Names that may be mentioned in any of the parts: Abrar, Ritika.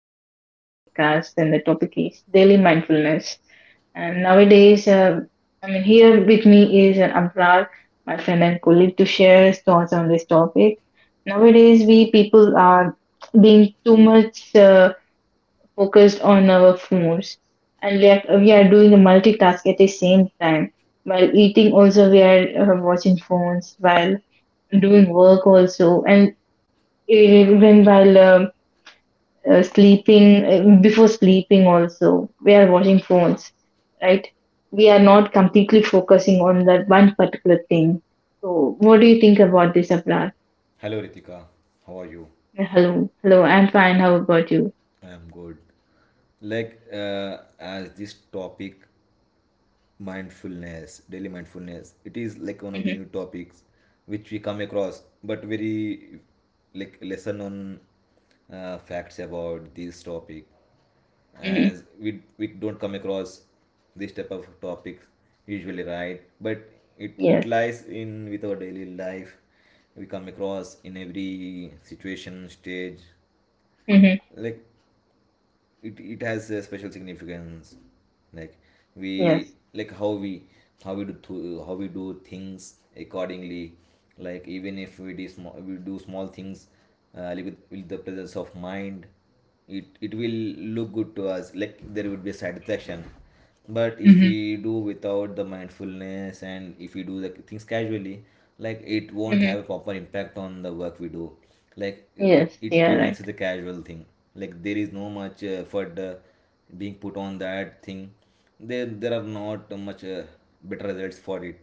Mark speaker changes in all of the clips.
Speaker 1: another podcast, and the topic is daily mindfulness. And nowadays, here with me is an Amrar, my friend and colleague, to share his thoughts on this topic. Nowadays, we people are being too much focused on our phones, and we are doing the multitask at the same time. While eating, also, we are watching phones, while doing work, also, and even while sleeping before sleeping also we are watching phones, right? We are not completely focusing on that one particular thing. So what do you think about this, Abrar?
Speaker 2: Hello Ritika, how are you?
Speaker 1: Hello, hello, I'm fine, how about you?
Speaker 2: I'm good. Like, as this topic mindfulness daily mindfulness, it is like one of the
Speaker 1: Mm-hmm.
Speaker 2: new topics which we come across, but very like lesser known facts about this topic,
Speaker 1: Mm-hmm.
Speaker 2: as we don't come across this type of topics usually, right? But it
Speaker 1: Yes.
Speaker 2: lies in with our daily life. We come across in every situation stage.
Speaker 1: Mm-hmm.
Speaker 2: Like it has a special significance, like we,
Speaker 1: Yes.
Speaker 2: like how we do things accordingly. Like even if we do small things, like with the presence of mind, it will look good to us. Like there would be satisfaction. But if
Speaker 1: Hmm.
Speaker 2: we do without the mindfulness and if we do the things casually, like it won't
Speaker 1: Mm-hmm.
Speaker 2: have a proper impact on the work we do. Like it,
Speaker 1: Yes,
Speaker 2: it
Speaker 1: yeah, right.
Speaker 2: remains as a casual thing. Like there is no much effort being put on that thing. There are not much better results for it.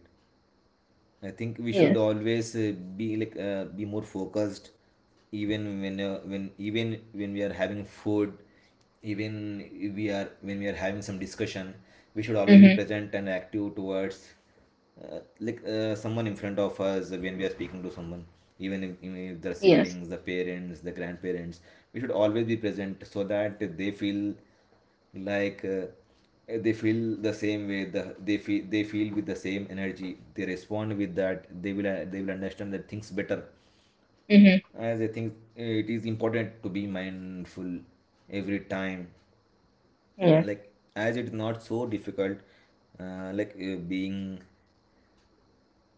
Speaker 2: I think we should
Speaker 1: Yes.
Speaker 2: always be like be more focused, even when we are having food, even if we are when we are having some discussion. We should always be
Speaker 1: Mm-hmm.
Speaker 2: present and active towards like someone in front of us when we are speaking to someone, even if the
Speaker 1: Yes.
Speaker 2: siblings, the parents, the grandparents. We should always be present so that they feel like, they feel the same way, they feel with the same energy they respond with, that they will understand that things better.
Speaker 1: Mm-hmm.
Speaker 2: As I think it is important to be mindful every time.
Speaker 1: Yes.
Speaker 2: Like as it's not so difficult, like being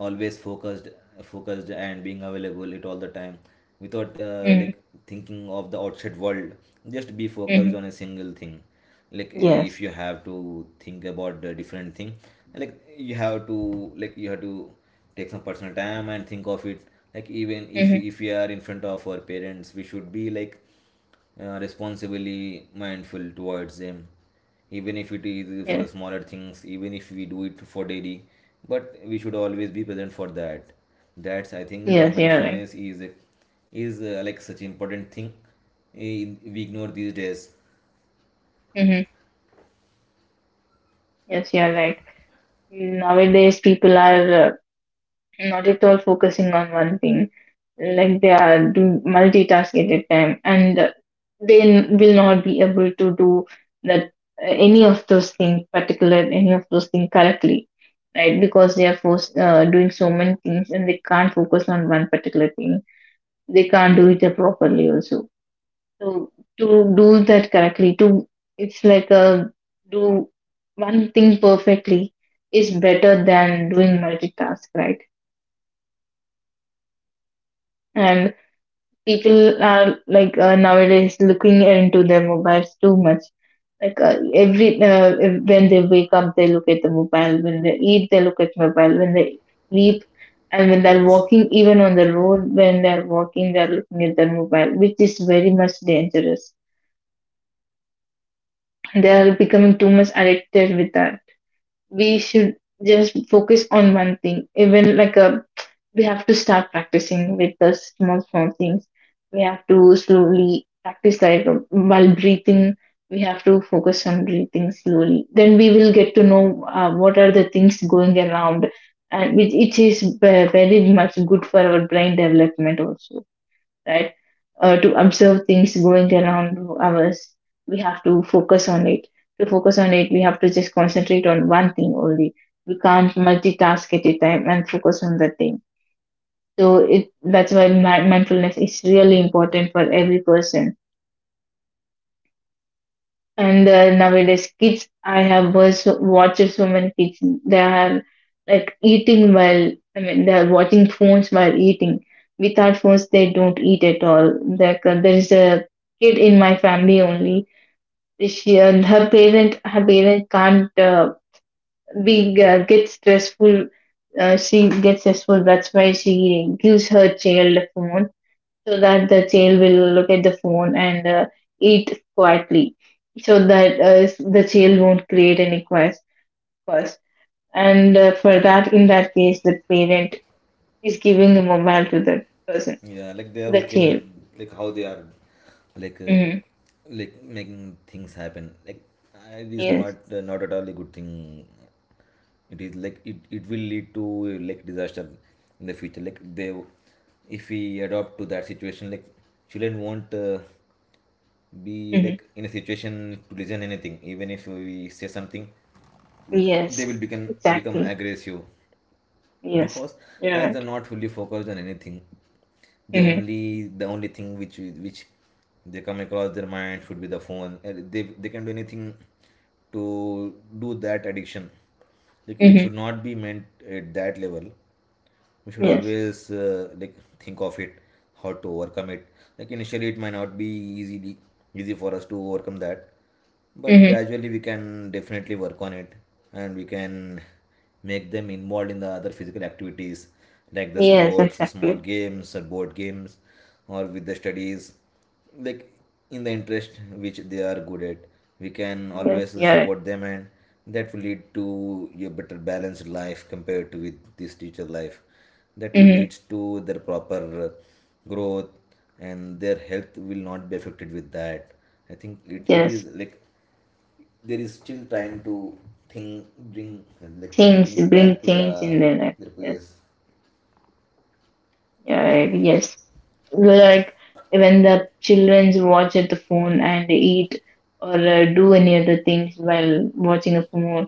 Speaker 2: always focused and being available it all the time, without
Speaker 1: Mm-hmm.
Speaker 2: like thinking of the outside world. Just be
Speaker 1: Mm-hmm.
Speaker 2: focused on a single thing. Like, if
Speaker 1: Yes.
Speaker 2: you have to think about the different thing, like you have to take some personal time and think of it. Like even if
Speaker 1: Mm-hmm.
Speaker 2: if we are in front of our parents, we should be like, responsibly mindful towards them. Even if it is for the
Speaker 1: Yes,
Speaker 2: smaller things, even if we do it for daily, but we should always be present for that. That's, I think, that
Speaker 1: yes, you're right.
Speaker 2: mindfulness is like such important thing, we ignore these days.
Speaker 1: Mm-hmm. Yes, you're right. Nowadays people are not at all focusing on one thing, like they are doing multitask at a time and will not be able to do that, any of those things correctly, right? Because they are forced doing so many things and they can't focus on one particular thing, they can't do it properly also. So to do that correctly, to it's like a do one thing perfectly is better than doing multitask, right? And people are like nowadays looking into their mobiles too much, like every if- when they wake up they look at the mobile, when they eat they look at mobile, when they sleep, and when they're
Speaker 2: Yes.
Speaker 1: walking, even on the road when they're walking they're looking at their mobile, which is very much dangerous. They are becoming too much addicted with that. We should just focus on one thing. Even like a, we have to start practicing with the small small things. We have to slowly practice, like while breathing we have to focus on breathing slowly, then we will get to know what are the things going around. And which it is very much good for our brain development also, right? To observe things going around us, we have to focus on it. To focus on it we have to just concentrate on one thing only. We can't multitask at a time and focus on the thing. So it that's why mindfulness is really important for every person. And nowadays, kids, I have was watched so many kids. They are like eating while, I mean, they are watching phones while eating. Without phones, they don't eat at all. Like there is a kid in my family only. She and her parent can't be get stressful. She gets stressful. That's why she gives her child a phone so that the child will look at the phone and eat quietly, so that the child won't create any quest first. And for that, in that case the parent is giving the mobile to the person,
Speaker 2: Yeah, like they are
Speaker 1: the
Speaker 2: okay with
Speaker 1: child.
Speaker 2: like how they are, like, uh,
Speaker 1: Hmm.
Speaker 2: like making things happen. Like, it is not
Speaker 1: Yes.
Speaker 2: not at all a good thing. It is like it will lead to, like disaster in the future. Like they, if we adopt to that situation, like children won't, be
Speaker 1: Hmm.
Speaker 2: like in a situation to listen anything. Even if we say something, they will
Speaker 1: Yes,
Speaker 2: become
Speaker 1: exactly.
Speaker 2: aggressive,
Speaker 1: Yes,
Speaker 2: because
Speaker 1: you're
Speaker 2: as they're
Speaker 1: right.
Speaker 2: not fully focused on anything, they
Speaker 1: Hmm.
Speaker 2: only, the only thing which they come across their mind should be the phone. And they can do anything to do that addiction. Like it
Speaker 1: Hmm.
Speaker 2: should not be meant at that level, we should
Speaker 1: Yes.
Speaker 2: always like think of it, how to overcome it. Like initially it might not be easily easy for us to overcome that, but
Speaker 1: Hmm.
Speaker 2: gradually we can definitely work on it. And we can make them involved in the other physical activities, like the
Speaker 1: Yes,
Speaker 2: sports, the small
Speaker 1: exactly.
Speaker 2: games or board games, or with the studies. Like in the interest which they are good at, we can
Speaker 1: Yes,
Speaker 2: always
Speaker 1: you're right.
Speaker 2: support them, and that will lead to a better balanced life compared to with this teacher life. That will
Speaker 1: Hmm.
Speaker 2: lead to their proper, uh, growth, and their health will not be affected with that. I think it is
Speaker 1: Yes,
Speaker 2: like there is still time to think, bring, like think
Speaker 1: change,
Speaker 2: things back
Speaker 1: bring
Speaker 2: to
Speaker 1: change in their life.
Speaker 2: their
Speaker 1: Yes,
Speaker 2: previous.
Speaker 1: you're right. Yes. Like when the children watch at the phone and eat, or do any other things while watching a phone,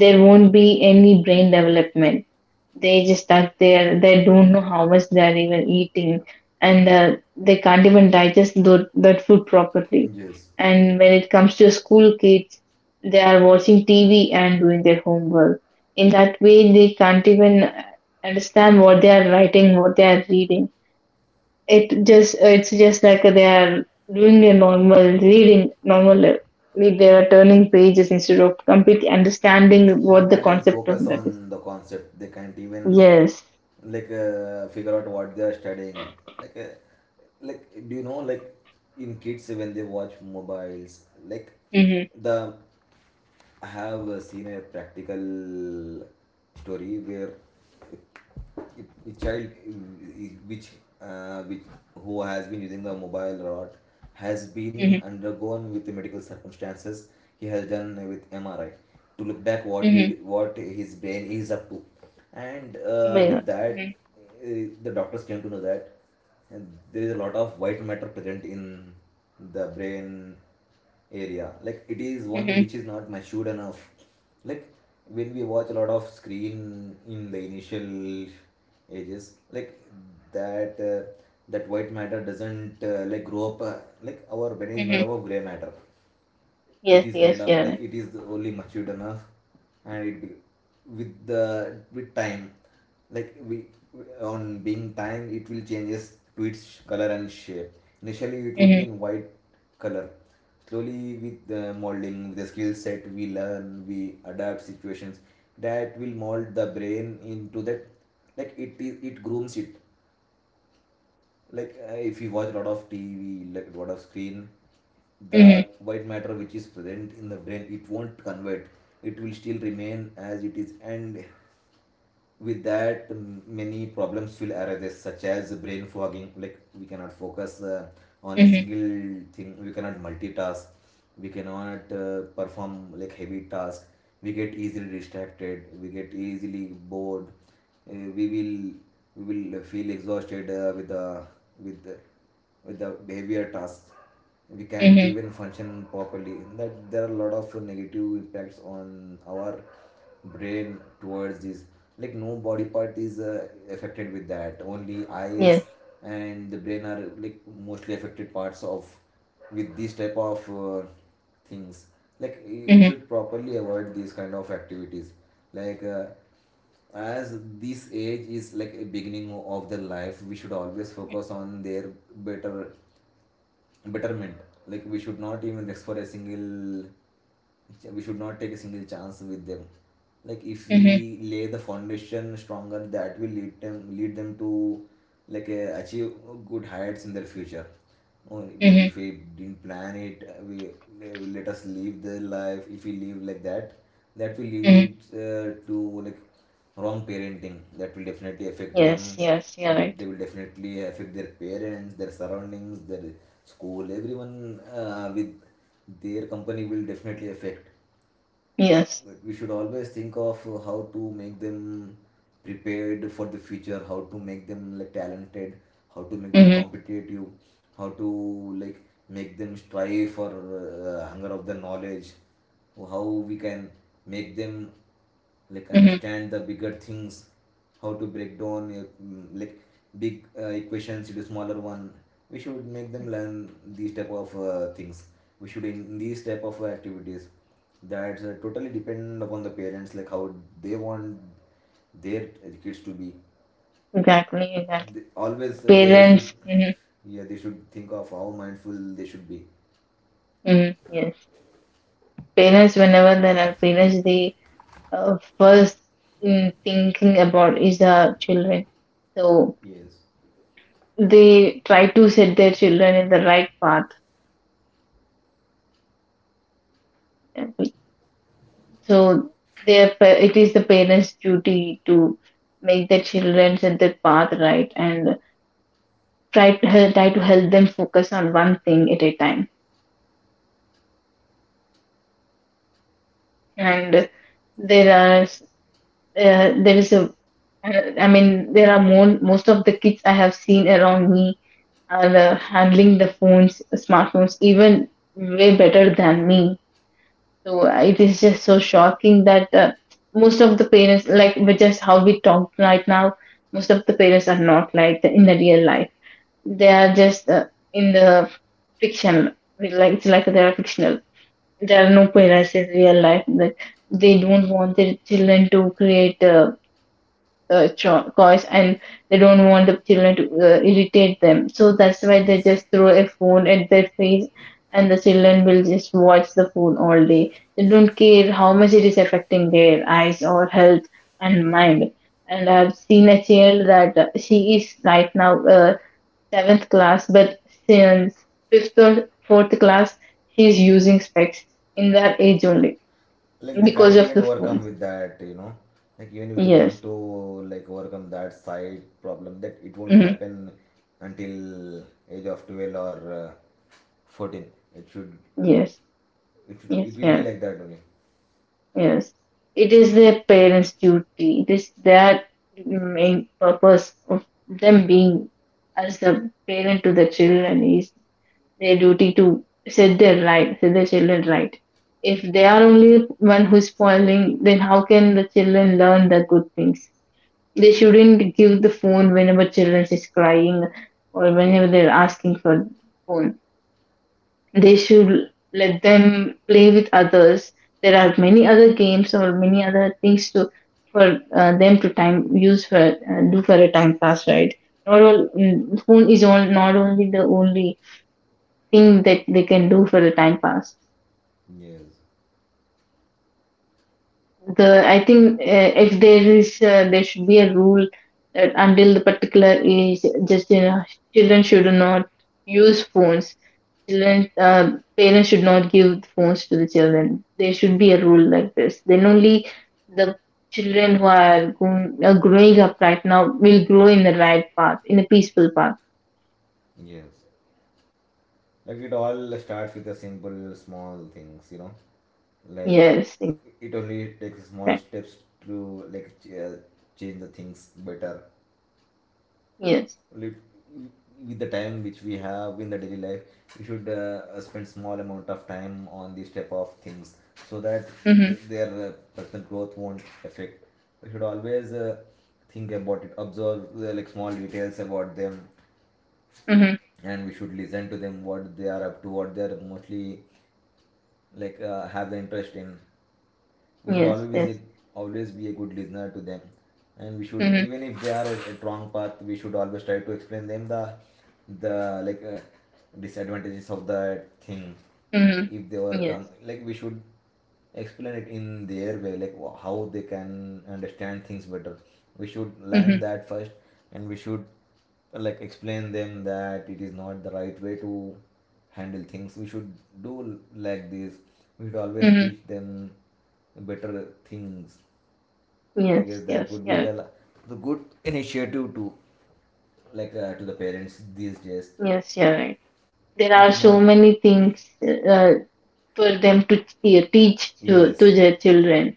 Speaker 1: there won't be any brain development. They just stuck there, they don't know how much they are even eating. And they can't even digest that food properly.
Speaker 2: Yes.
Speaker 1: And when it comes to school kids, they are watching tv and doing their homework. In that way they can't even understand what they are writing, what they are reading. It just, it's just like they are doing their normal reading, normal read. They are turning pages instead of completely understanding
Speaker 2: They
Speaker 1: what the
Speaker 2: can't even
Speaker 1: concept of
Speaker 2: focus
Speaker 1: that is.
Speaker 2: on the concept, they can't even
Speaker 1: Yes.
Speaker 2: like, figure out what they are studying. Like, like do you know, like in kids when they watch mobiles, like
Speaker 1: Mhm.
Speaker 2: the I have seen a practical story where, if child, which which who has been using the mobile a lot, has been
Speaker 1: Mhm.
Speaker 2: undergone with the medical circumstances. He has done with MRI to look back what he
Speaker 1: Mhm.
Speaker 2: what his brain is up to. And
Speaker 1: Yeah.
Speaker 2: with that,
Speaker 1: Mhm.
Speaker 2: the doctors came to know that, and there is a lot of white matter present in the brain area, like it is one
Speaker 1: Mhm.
Speaker 2: which is not matured enough. Like when we watch a lot of screen in the initial ages, like that uh, that white matter doesn't, like grow up, like our brain is
Speaker 1: Mhm.
Speaker 2: made up of gray matter. It
Speaker 1: Yes.
Speaker 2: is
Speaker 1: Yes.
Speaker 2: made up,
Speaker 1: Yeah.
Speaker 2: like it is only matured enough, and with the with time, like we, on being time, it will changes to its color and shape. Initially it would be
Speaker 1: Mhm.
Speaker 2: in white color, slowly with the molding, with the skill set we learn, we adapt situations, that will mold the brain into that. Like it grooms it. Like, if you watch a lot of TV, like a lot of screen, the
Speaker 1: Mhm.
Speaker 2: white matter which is present in the brain, it won't convert. It will still remain as it is, and with that, many problems will arise, such as brain fogging. Like we cannot focus, on a
Speaker 1: Mhm.
Speaker 2: single thing, we cannot multitask. We cannot, perform like heavy task. We get easily distracted, we get easily bored. uh, we will we will feel exhausted, with the, with the behavior tasks. We can't
Speaker 1: Mhm.
Speaker 2: even function properly, that there are a lot of negative impacts on our brain towards this. Like no body part is, affected with that, only eyes
Speaker 1: Yes.
Speaker 2: and the brain are like mostly affected parts of with these type of, things. Like, we
Speaker 1: Mhm.
Speaker 2: should properly avoid these kind of activities. Like, as this age is like a beginning of their life, we should always focus on their better betterment. Like we should not even rest for a single, we should not take a single chance with them. Like if
Speaker 1: Mhm.
Speaker 2: we lay the foundation stronger, that will lead them to like, achieve good heights in their future. But
Speaker 1: Mhm.
Speaker 2: if we didn't plan it, we they will let us live their life if we live like that. That will
Speaker 1: Mhm.
Speaker 2: lead, to like wrong parenting, that will definitely affect them.
Speaker 1: Yes. Yes. You're right.
Speaker 2: They will definitely affect their parents, their surroundings, their school, everyone, with their company will definitely affect.
Speaker 1: Yes.
Speaker 2: Like we should always think of, how to make them prepared for the future, how to make them like talented, how to make them
Speaker 1: Mhm.
Speaker 2: competitive, how to like make them strive for, hunger of the knowledge, how we can make them like
Speaker 1: Mhm.
Speaker 2: understand the bigger things, how to break down, like big, equations into smaller one. We should make them learn these type of, things, we should in these type of, activities. That's, totally dependent upon the parents, like how they want their kids to be.
Speaker 1: Exactly. Exactly.
Speaker 2: They, always they should,
Speaker 1: Parents. Mhm.
Speaker 2: Yeah, they should think of how mindful they should be.
Speaker 1: Mhm. Yes. Parents. Whenever there are parents, they first thinking about is the children. So
Speaker 2: Yes.
Speaker 1: they try to set their children in the right path. So it is the parents' duty to make their children set their path right and try to help them focus on one thing at a time. And there are s- there is a, I mean, there are more, most of the kids I have seen around me and handling the phones, smartphones, even way better than me. So it is just so shocking that most of the parents, like with just how we talk right now, most of the parents are not like the, in the real life. They are just in the fiction, like it's like they are fictional. There are no parents in real life, that they don't want their children to create course, and they don't want the children to irritate them. So that's why they
Speaker 2: Yes.
Speaker 1: just throw a phone at their face and the children will just watch the phone all day. They don't care how much it is affecting their eyes or health and mind. And I've seen a child that she is right now seventh class, but since fifth or fourth class, she is using specs in that age only
Speaker 2: Like they
Speaker 1: because
Speaker 2: can't
Speaker 1: of
Speaker 2: even
Speaker 1: the
Speaker 2: overcome
Speaker 1: phones.
Speaker 2: with that. Like even if they want
Speaker 1: Yes.
Speaker 2: to like overcome that side problem, that it won't
Speaker 1: Hmm.
Speaker 2: happen until age of 12 or 14. It should,
Speaker 1: Yes.
Speaker 2: it should,
Speaker 1: Yes.
Speaker 2: it will be
Speaker 1: Yeah.
Speaker 2: like that only.
Speaker 1: Yes, it is their parents' duty. It is their main purpose of them being as the parent to the children is their duty to set their right, set their children right. If they are only one who's spoiling, then how can the children learn the good things? They shouldn't give the phone whenever children is crying or whenever they're asking for phone, they should let them play with others. There are many other games or many other things to, for them to time use for, do for a time pass, right? Not all, phone is all, not only the only thing that they can do for a time pass.
Speaker 2: Yes.
Speaker 1: The, I think if there is there should be a rule that until the particular age, just you know, children should not use phones. Children, parents should not give phones to the children. There should be a rule like this. Then only the children who are going, growing up right now will grow in the right path, in a peaceful path.
Speaker 2: Yes. Like it all starts with a simple, small things. Like
Speaker 1: Yes, in fact,
Speaker 2: it only takes small steps to like change the things better.
Speaker 1: yes.
Speaker 2: Lit- With the time which we have in the daily life, we should spend small amount of time on these type of things, so that
Speaker 1: Mm-hmm,
Speaker 2: their, personal growth won't affect. We should always think about it, observe like small details about them,
Speaker 1: mm-hmm,
Speaker 2: and we should listen to them what they are up to, what they are mostly like have the interest in. We should
Speaker 1: yes, yes.
Speaker 2: always be a good listener to them. And we should,
Speaker 1: Mm-hmm,
Speaker 2: even if they are at a wrong path, we should always try to explain them the the like disadvantages of that thing. If they
Speaker 1: mm-hmm,
Speaker 2: overcome,
Speaker 1: yes.
Speaker 2: like we should explain it in their way, like how they can understand things better. We should learn
Speaker 1: Mm-hmm,
Speaker 2: that first, and we should like explain them that it is not the right way to handle things. We should do like this. We should always
Speaker 1: mm-hmm,
Speaker 2: teach them better things. I
Speaker 1: yes,
Speaker 2: guess that
Speaker 1: yes,
Speaker 2: would be
Speaker 1: yeah.
Speaker 2: the good initiative to like to the parents these days.
Speaker 1: Yes, yeah, right. There
Speaker 2: It
Speaker 1: are
Speaker 2: is not.
Speaker 1: so many things for them to teach
Speaker 2: Yes,
Speaker 1: to their children.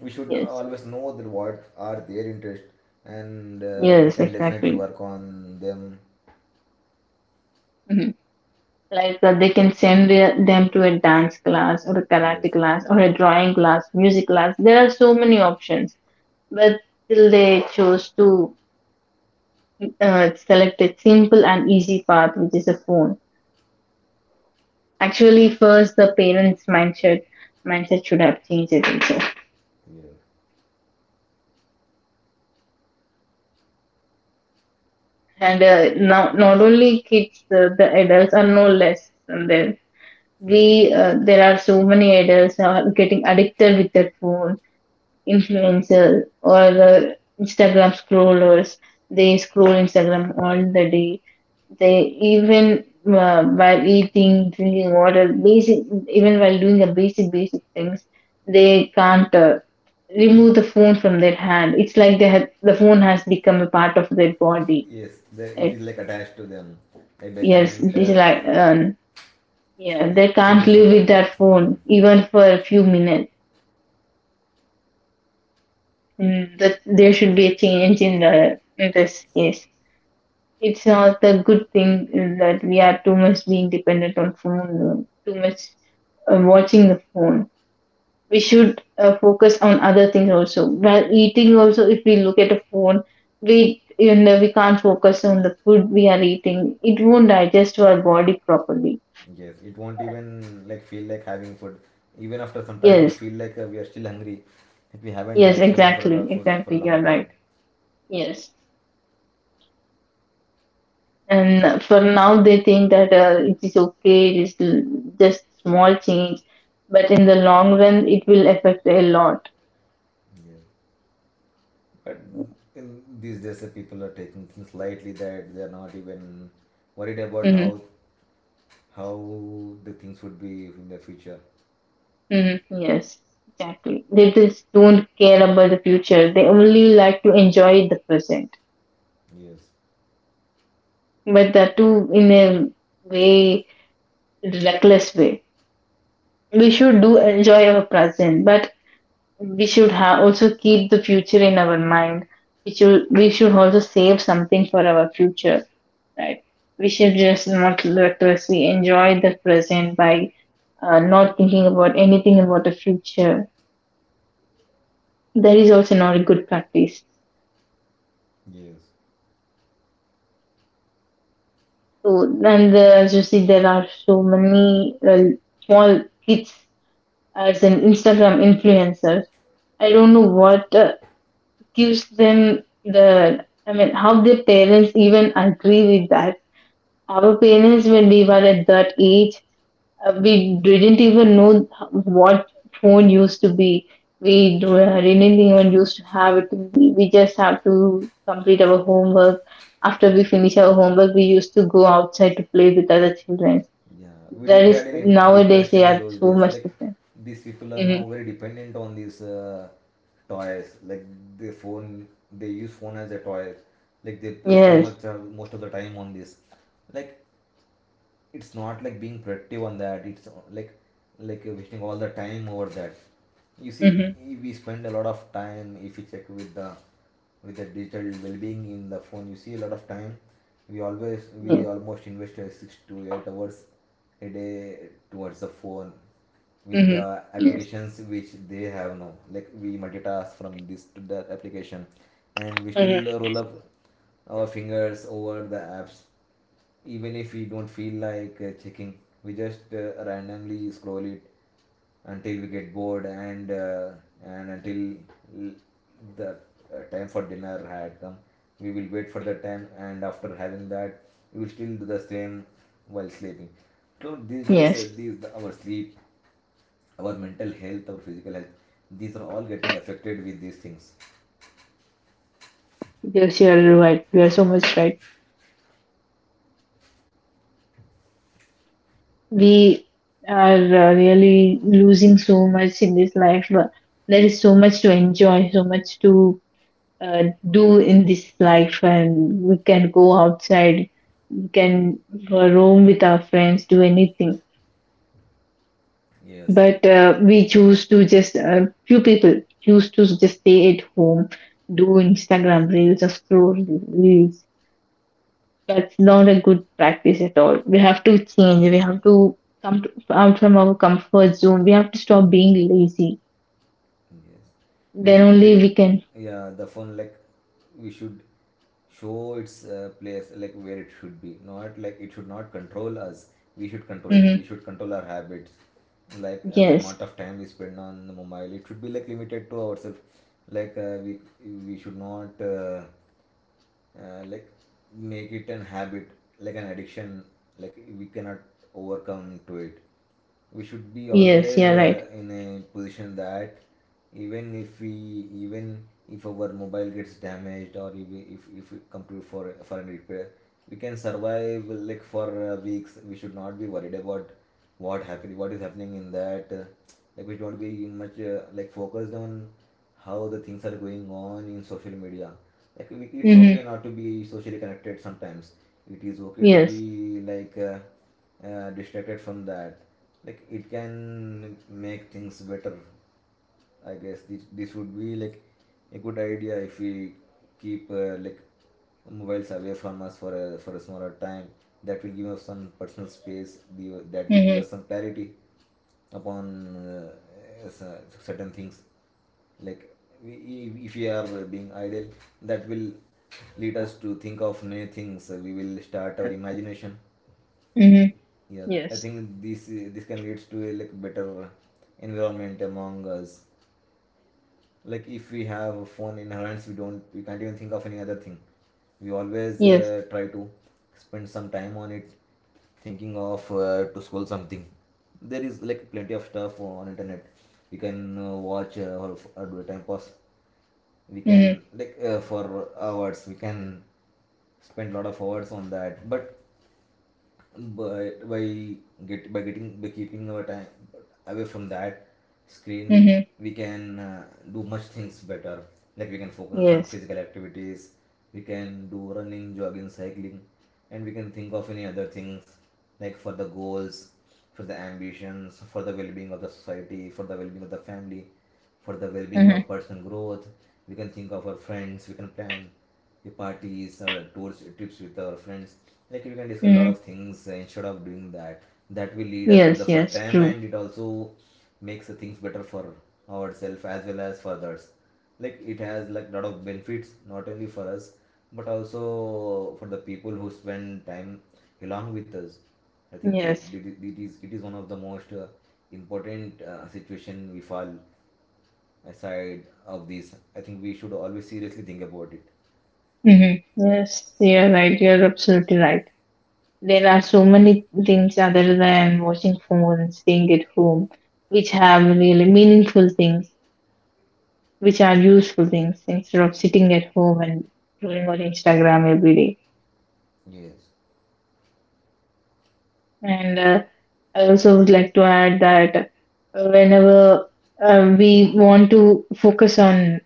Speaker 2: we should
Speaker 1: Yes,
Speaker 2: always know that what are their interest, and we
Speaker 1: yes,
Speaker 2: can definitely
Speaker 1: exactly.
Speaker 2: work on them.
Speaker 1: Hmm. Like they can send them to a dance class or a
Speaker 2: Yes.
Speaker 1: karate class or a drawing class, music class. There are so many options, but still they chose to select a simple and easy path, which is a phone. Actually, first the parents' mindset mindset should have changed. I think so.
Speaker 2: Yeah.
Speaker 1: And now, not only kids, the adults are no less than there.
Speaker 2: Yeah.
Speaker 1: We there are so many adults now getting addicted with their phone, influencers or Instagram scrollers. They scroll Instagram all the day. They even while eating, drinking water, basic, even while doing the basic things, they can't remove the phone from their hand. It's like the phone has become a part of their body.
Speaker 2: Yes, they, it is like attached to them, like they
Speaker 1: Yes,
Speaker 2: can't
Speaker 1: this like yeah, they
Speaker 2: like
Speaker 1: can't
Speaker 2: remove from
Speaker 1: live with
Speaker 2: that.
Speaker 1: that
Speaker 2: Hmm.
Speaker 1: phone even for a few minutes. Mm, that there should be a change in the in this case. It's not a good thing that we are too much being dependent on phone, too much watching the phone. We should focus on other things also. While eating also, if we look at a phone, we, you know, we can't focus on the food we are eating. It won't digest to our body properly.
Speaker 2: Yes, it won't even like feel like having food. Even after some time, it
Speaker 1: Yes.
Speaker 2: feel like we are still hungry. Like we haven't
Speaker 1: Yes,
Speaker 2: had fun for a
Speaker 1: exactly,
Speaker 2: for a
Speaker 1: exactly. You're
Speaker 2: longer time.
Speaker 1: right. Yes. And for now, they think that it is okay, just small change, but in the long run, it will affect a lot.
Speaker 2: Yes. But in these days, the people are taking things lightly that they are not even worried about
Speaker 1: Hmm.
Speaker 2: how how the things would be in the future.
Speaker 1: Hmm. Yes, exactly. They just don't care about the future. They only like to enjoy the present,
Speaker 2: Yes.
Speaker 1: but that too in a way reckless way. We should do enjoy our present, but we should also keep the future in our mind. We should also save something for our future, right? We should just not recklessly enjoy the present by not thinking about anything about the future. That is also not a good practice.
Speaker 2: Yes.
Speaker 1: So, and as you see, there are so many small kids as an Instagram influencer. I don't know what gives them the. I mean, how their parents even agree with that. Our parents, when we were at that age, we didn't even know what phone used to be. Didn't even used to have it. We just have to complete our homework. After we finish our homework, we used to go outside to play with other children.
Speaker 2: Yeah, we
Speaker 1: That
Speaker 2: didn't
Speaker 1: is
Speaker 2: had any
Speaker 1: nowadays, they
Speaker 2: distraction
Speaker 1: are
Speaker 2: those
Speaker 1: so
Speaker 2: days.
Speaker 1: much
Speaker 2: Like
Speaker 1: different.
Speaker 2: these people are
Speaker 1: Hmm
Speaker 2: now very dependent on these toys. Like they phone, they use phone as a toy. Like they spend
Speaker 1: Yes.
Speaker 2: much most of the time on this. Like it's not like being productive on that. It's like wasting all the time over that. You see,
Speaker 1: hmm
Speaker 2: we spend a lot of time. If you check with the digital well-being in the phone, you see a lot of time we always, we
Speaker 1: Yes.
Speaker 2: almost invest 6 to 8 hours a day towards the phone with
Speaker 1: hmm
Speaker 2: the
Speaker 1: Yes.
Speaker 2: applications which they have now. Like we multitask from this to that application, and we still
Speaker 1: hmm
Speaker 2: roll up our fingers over the apps, even if we don't feel like checking. We just randomly scroll it until we get bored and until the time for dinner had come. We will wait for the time, and after having that, we will still do the same while sleeping. So these days
Speaker 1: Yes.
Speaker 2: these, our sleep, our mental health, our physical health, these are all getting affected with these things.
Speaker 1: Yes, you are right. You are so much right. We are really losing so much in this life. But there is so much to enjoy, so much to uh, do in this life, and we can go outside, we can roam with our friends, do anything.
Speaker 2: Yes.
Speaker 1: But we choose to just few people choose to just stay at home, do Instagram reels or scroll reels. That's not a good practice at all. We have to change. We have to come to, out from our comfort zone. We have to stop being lazy.
Speaker 2: Yes, we
Speaker 1: Then
Speaker 2: should
Speaker 1: only we
Speaker 2: treat,
Speaker 1: can.
Speaker 2: yeah, the phone like we should show its place, like where it should be. Not like, it should not control us. We should control it. We
Speaker 1: Hmm
Speaker 2: should control our habits, like the
Speaker 1: Yes.
Speaker 2: amount of time we spend on the mobile, it should be like limited to ourselves. Like we should not like make it an habit, like an addiction, like we cannot overcome to it. We should be
Speaker 1: Yes.
Speaker 2: always
Speaker 1: Yeah. Right.
Speaker 2: in a position that, even if we, even if our mobile gets damaged, or if if we come to for a repair, we can survive like for weeks. We should not be worried about what happened, what is happening in that like we don't be much like focused on how the things are going on in social media. Like we, it's okay
Speaker 1: hmm
Speaker 2: not to be socially connected sometimes. It is okay to
Speaker 1: Yes.
Speaker 2: be like distracted from that. Like it can make things better. I guess this would be like a good idea, if we keep like mobiles away from us for a smaller time. That will give us some personal space. That will give
Speaker 1: hmm
Speaker 2: us some clarity upon uh, certain things. Like we, if we are being idle, that will lead us to think of many things. We will start our imagination.
Speaker 1: hmm
Speaker 2: Yeah, I
Speaker 1: Yes.
Speaker 2: think this can leads to a like better environment among us. Like if we have a phone in our hands, we don't, we can't even think of any other thing. We always
Speaker 1: Yes.
Speaker 2: try to spend some time on it, thinking of to scroll something. There is like plenty of stuff on internet. We can watch or, or do a time pass. We
Speaker 1: hmm
Speaker 2: can like for hours we can spend a lot of hours on that. But by get by getting, by keeping our time away from that screen,
Speaker 1: hmm
Speaker 2: we can do much things better. Like we can focus on
Speaker 1: Yes.
Speaker 2: physical activities. We can do running, jogging, cycling. And we can think of any other things, like for the goals, for the ambitions, for the well-being of the society, for the well-being of the family, for the well-being
Speaker 1: hmm
Speaker 2: of personal growth. We can think of our friends. We can plan the parties or tours, trips with our friends. Like we can discuss a lot
Speaker 1: hmm
Speaker 2: of things instead of doing that. That will lead us to the
Speaker 1: Yes.
Speaker 2: fun
Speaker 1: Yes.
Speaker 2: time,
Speaker 1: True.
Speaker 2: and it also makes the things better for ourselves as well as for others. Like it has like lot of benefits, not only for us but also for the people who spend time along with us. I think
Speaker 1: Yes.
Speaker 2: the- it is one of the most important situation we fall. Aside of this, I think we should always seriously think about it.
Speaker 1: hmm Yes. Yeah. Right. You're absolutely right. There are so many things other than watching phone and staying at home, which have really meaningful things, which are useful things instead of sitting at home and scrolling on Instagram every day.
Speaker 2: Yes.
Speaker 1: And I also would like to add that whenever we want to focus on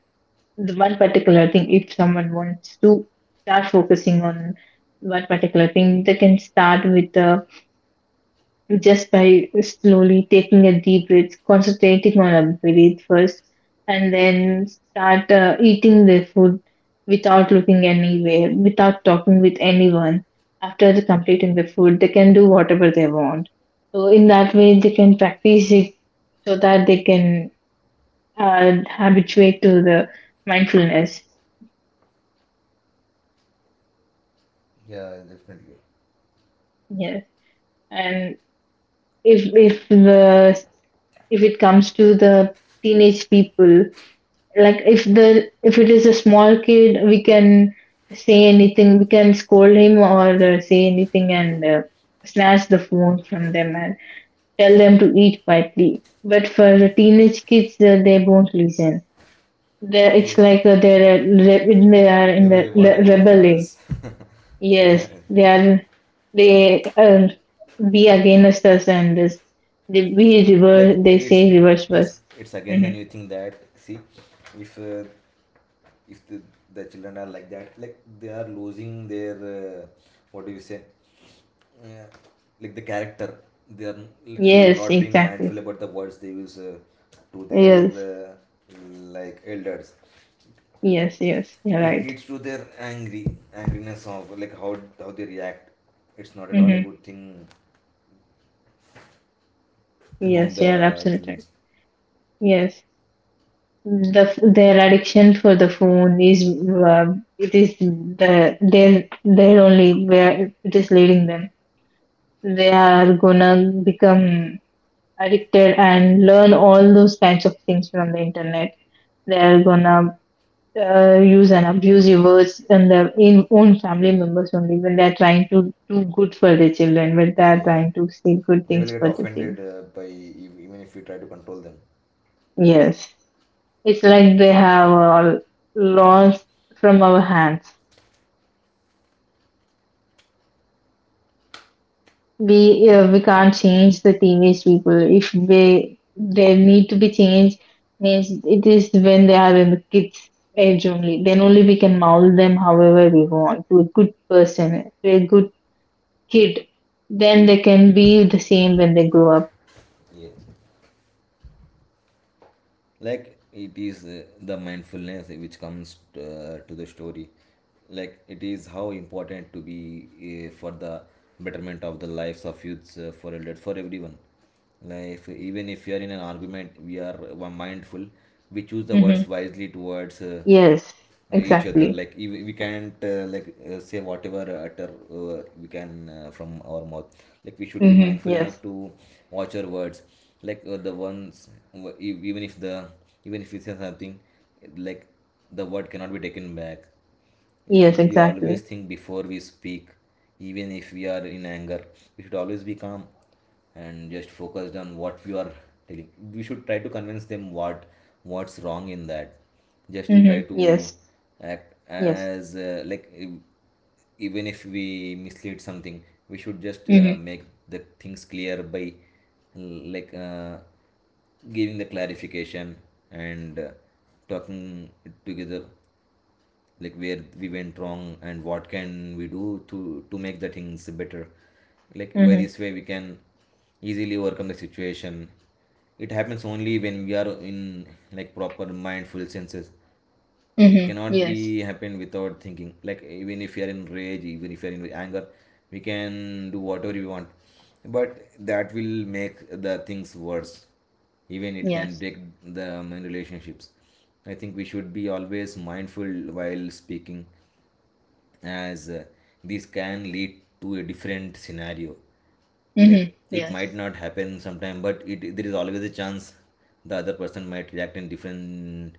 Speaker 1: the one particular thing, if someone wants to start focusing on one particular thing, they can start with just by slowly taking a deep breath, concentrating on a breath first, and then start eating the food without looking anywhere, without talking with anyone. After the completing the food, they can do whatever they want. So in that way, they can practice it so that they can habituate to the mindfulness.
Speaker 2: Yeah, definitely.
Speaker 1: Yes, and if the, if it comes to the teenage people. Like if the if it is a small kid, we can say anything, we can scold him or say anything and snatch the phone from them and tell them to eat quietly. But for the teenage kids, they won't listen. They, it's
Speaker 2: Yes,
Speaker 1: like they are
Speaker 2: they
Speaker 1: in
Speaker 2: will
Speaker 1: the
Speaker 2: revolt against
Speaker 1: rebel age.
Speaker 2: us. Yeah,
Speaker 1: Yes, they are. They Be against us, and this, they be reverse,
Speaker 2: like
Speaker 1: they say
Speaker 2: it's
Speaker 1: reverse verse.
Speaker 2: it's again the
Speaker 1: Hmm
Speaker 2: new thing that, see, if uh, if the, the children are like that, like they are losing their uh, what do you say, yeah, like the character. They are like
Speaker 1: yes,
Speaker 2: not being
Speaker 1: exactly.
Speaker 2: mindful about the words they use to their
Speaker 1: Yes.
Speaker 2: like elders.
Speaker 1: Yes, yes, you're
Speaker 2: It
Speaker 1: right.
Speaker 2: leads to their angry, angriness of like how they react. It's not at all
Speaker 1: Mm-hmm.
Speaker 2: a good thing among
Speaker 1: Yes, you're
Speaker 2: the
Speaker 1: absolutely
Speaker 2: children.
Speaker 1: right. Yes, the their addiction for the phone is, it is the their only where it is leading them. They are gonna become addicted and learn all those kinds of things from the internet. They are gonna use and abuse your words and their in own family members only when they are trying to do good for their children, when they
Speaker 2: Mm,
Speaker 1: are
Speaker 2: yes,
Speaker 1: trying to say good
Speaker 2: they will
Speaker 1: things
Speaker 2: get
Speaker 1: for the children.
Speaker 2: offended by even if we try to control them.
Speaker 1: Yes. It's like they have all lost from our hands. We can't change the teenage people. If they need to be changed, means it is when they are in the kids age only. Then only we can mold them however we want to a good person, to a good kid. Then they can be the same when they grow up.
Speaker 2: Yes. Like it is the mindfulness which comes to the story. Like it is how important to be for the betterment of the lives of youths, for elder, for everyone. Like even if we are in an argument, we are mindful, we choose the words
Speaker 1: Hmm
Speaker 2: wisely towards
Speaker 1: Yes,
Speaker 2: each other.
Speaker 1: exactly.
Speaker 2: Like if we can't like say whatever, utter we can from our mouth, like we should be
Speaker 1: hmm
Speaker 2: mindful enough
Speaker 1: Yes,
Speaker 2: to watch our words. Like the ones even if the, even if we say something, like the word cannot be taken back. We
Speaker 1: yes,
Speaker 2: should be always
Speaker 1: exactly.
Speaker 2: think before we speak. Even if we are in anger, we should always be calm and just focused on what we are telling. We should try to convince them what, what's wrong in that. Just try
Speaker 1: hmm
Speaker 2: to
Speaker 1: Yes,
Speaker 2: act
Speaker 1: yes.
Speaker 2: as like even if we mislead something, we should just
Speaker 1: hmm
Speaker 2: make the things clear by like giving the clarification, and talking together like where we went wrong and what can we do to make the things better. Like by
Speaker 1: hmm
Speaker 2: this way we can easily overcome the situation. It happens only when we are in like proper mindful senses. It
Speaker 1: hmm
Speaker 2: cannot be
Speaker 1: Yes.
Speaker 2: happen without thinking, like even if you're in rage, even if you're in anger, we can do whatever we want, but that will make the things worse. Even it can
Speaker 1: Yes.
Speaker 2: break the relationships. I think we should be always mindful while speaking, as this can lead to a different scenario.
Speaker 1: Mm-hmm.
Speaker 2: Like it
Speaker 1: Yes.
Speaker 2: might not happen sometime, but it, there is always a chance the other person might react in different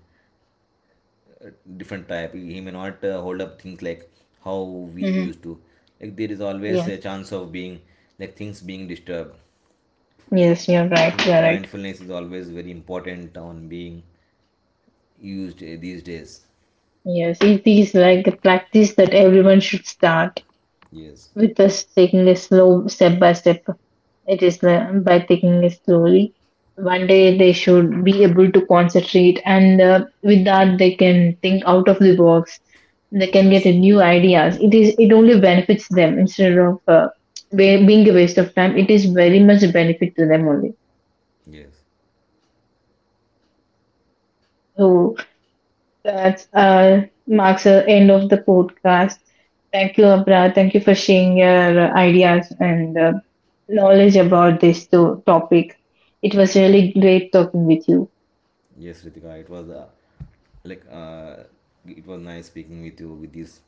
Speaker 2: uh, different type. He may not hold up things like how we
Speaker 1: Mm-hmm.
Speaker 2: used to. Like there is always a
Speaker 1: Yes.
Speaker 2: chance of being, like, things being disturbed.
Speaker 1: Yes, you're
Speaker 2: I
Speaker 1: right.
Speaker 2: think
Speaker 1: You're right.
Speaker 2: mindfulness is always very important on being used these days.
Speaker 1: Yes, it is like a practice that everyone should start
Speaker 2: Yes.
Speaker 1: with us taking a slow step by step. It is, by taking it slowly. One day they should be able to concentrate, and with that they can think out of the box. They can get a
Speaker 2: Yes.
Speaker 1: new ideas. It is it only benefits them instead of being a waste of time. It is very much a benefit to them only.
Speaker 2: Yes.
Speaker 1: So that marks the end of the podcast. Thank you, Abra. Thank you for sharing your ideas and knowledge about this topic. It was really great talking with you.
Speaker 2: Yes, Ritika, it was like it was nice speaking with you with this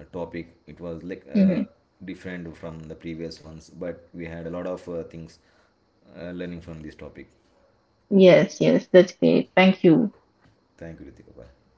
Speaker 2: topic. It was like
Speaker 1: Mhm.
Speaker 2: different from the previous ones, but we had a lot of things learning from this topic.
Speaker 1: Yes, yes, that's great. Thank you.
Speaker 2: Thank you, Ritika, bye.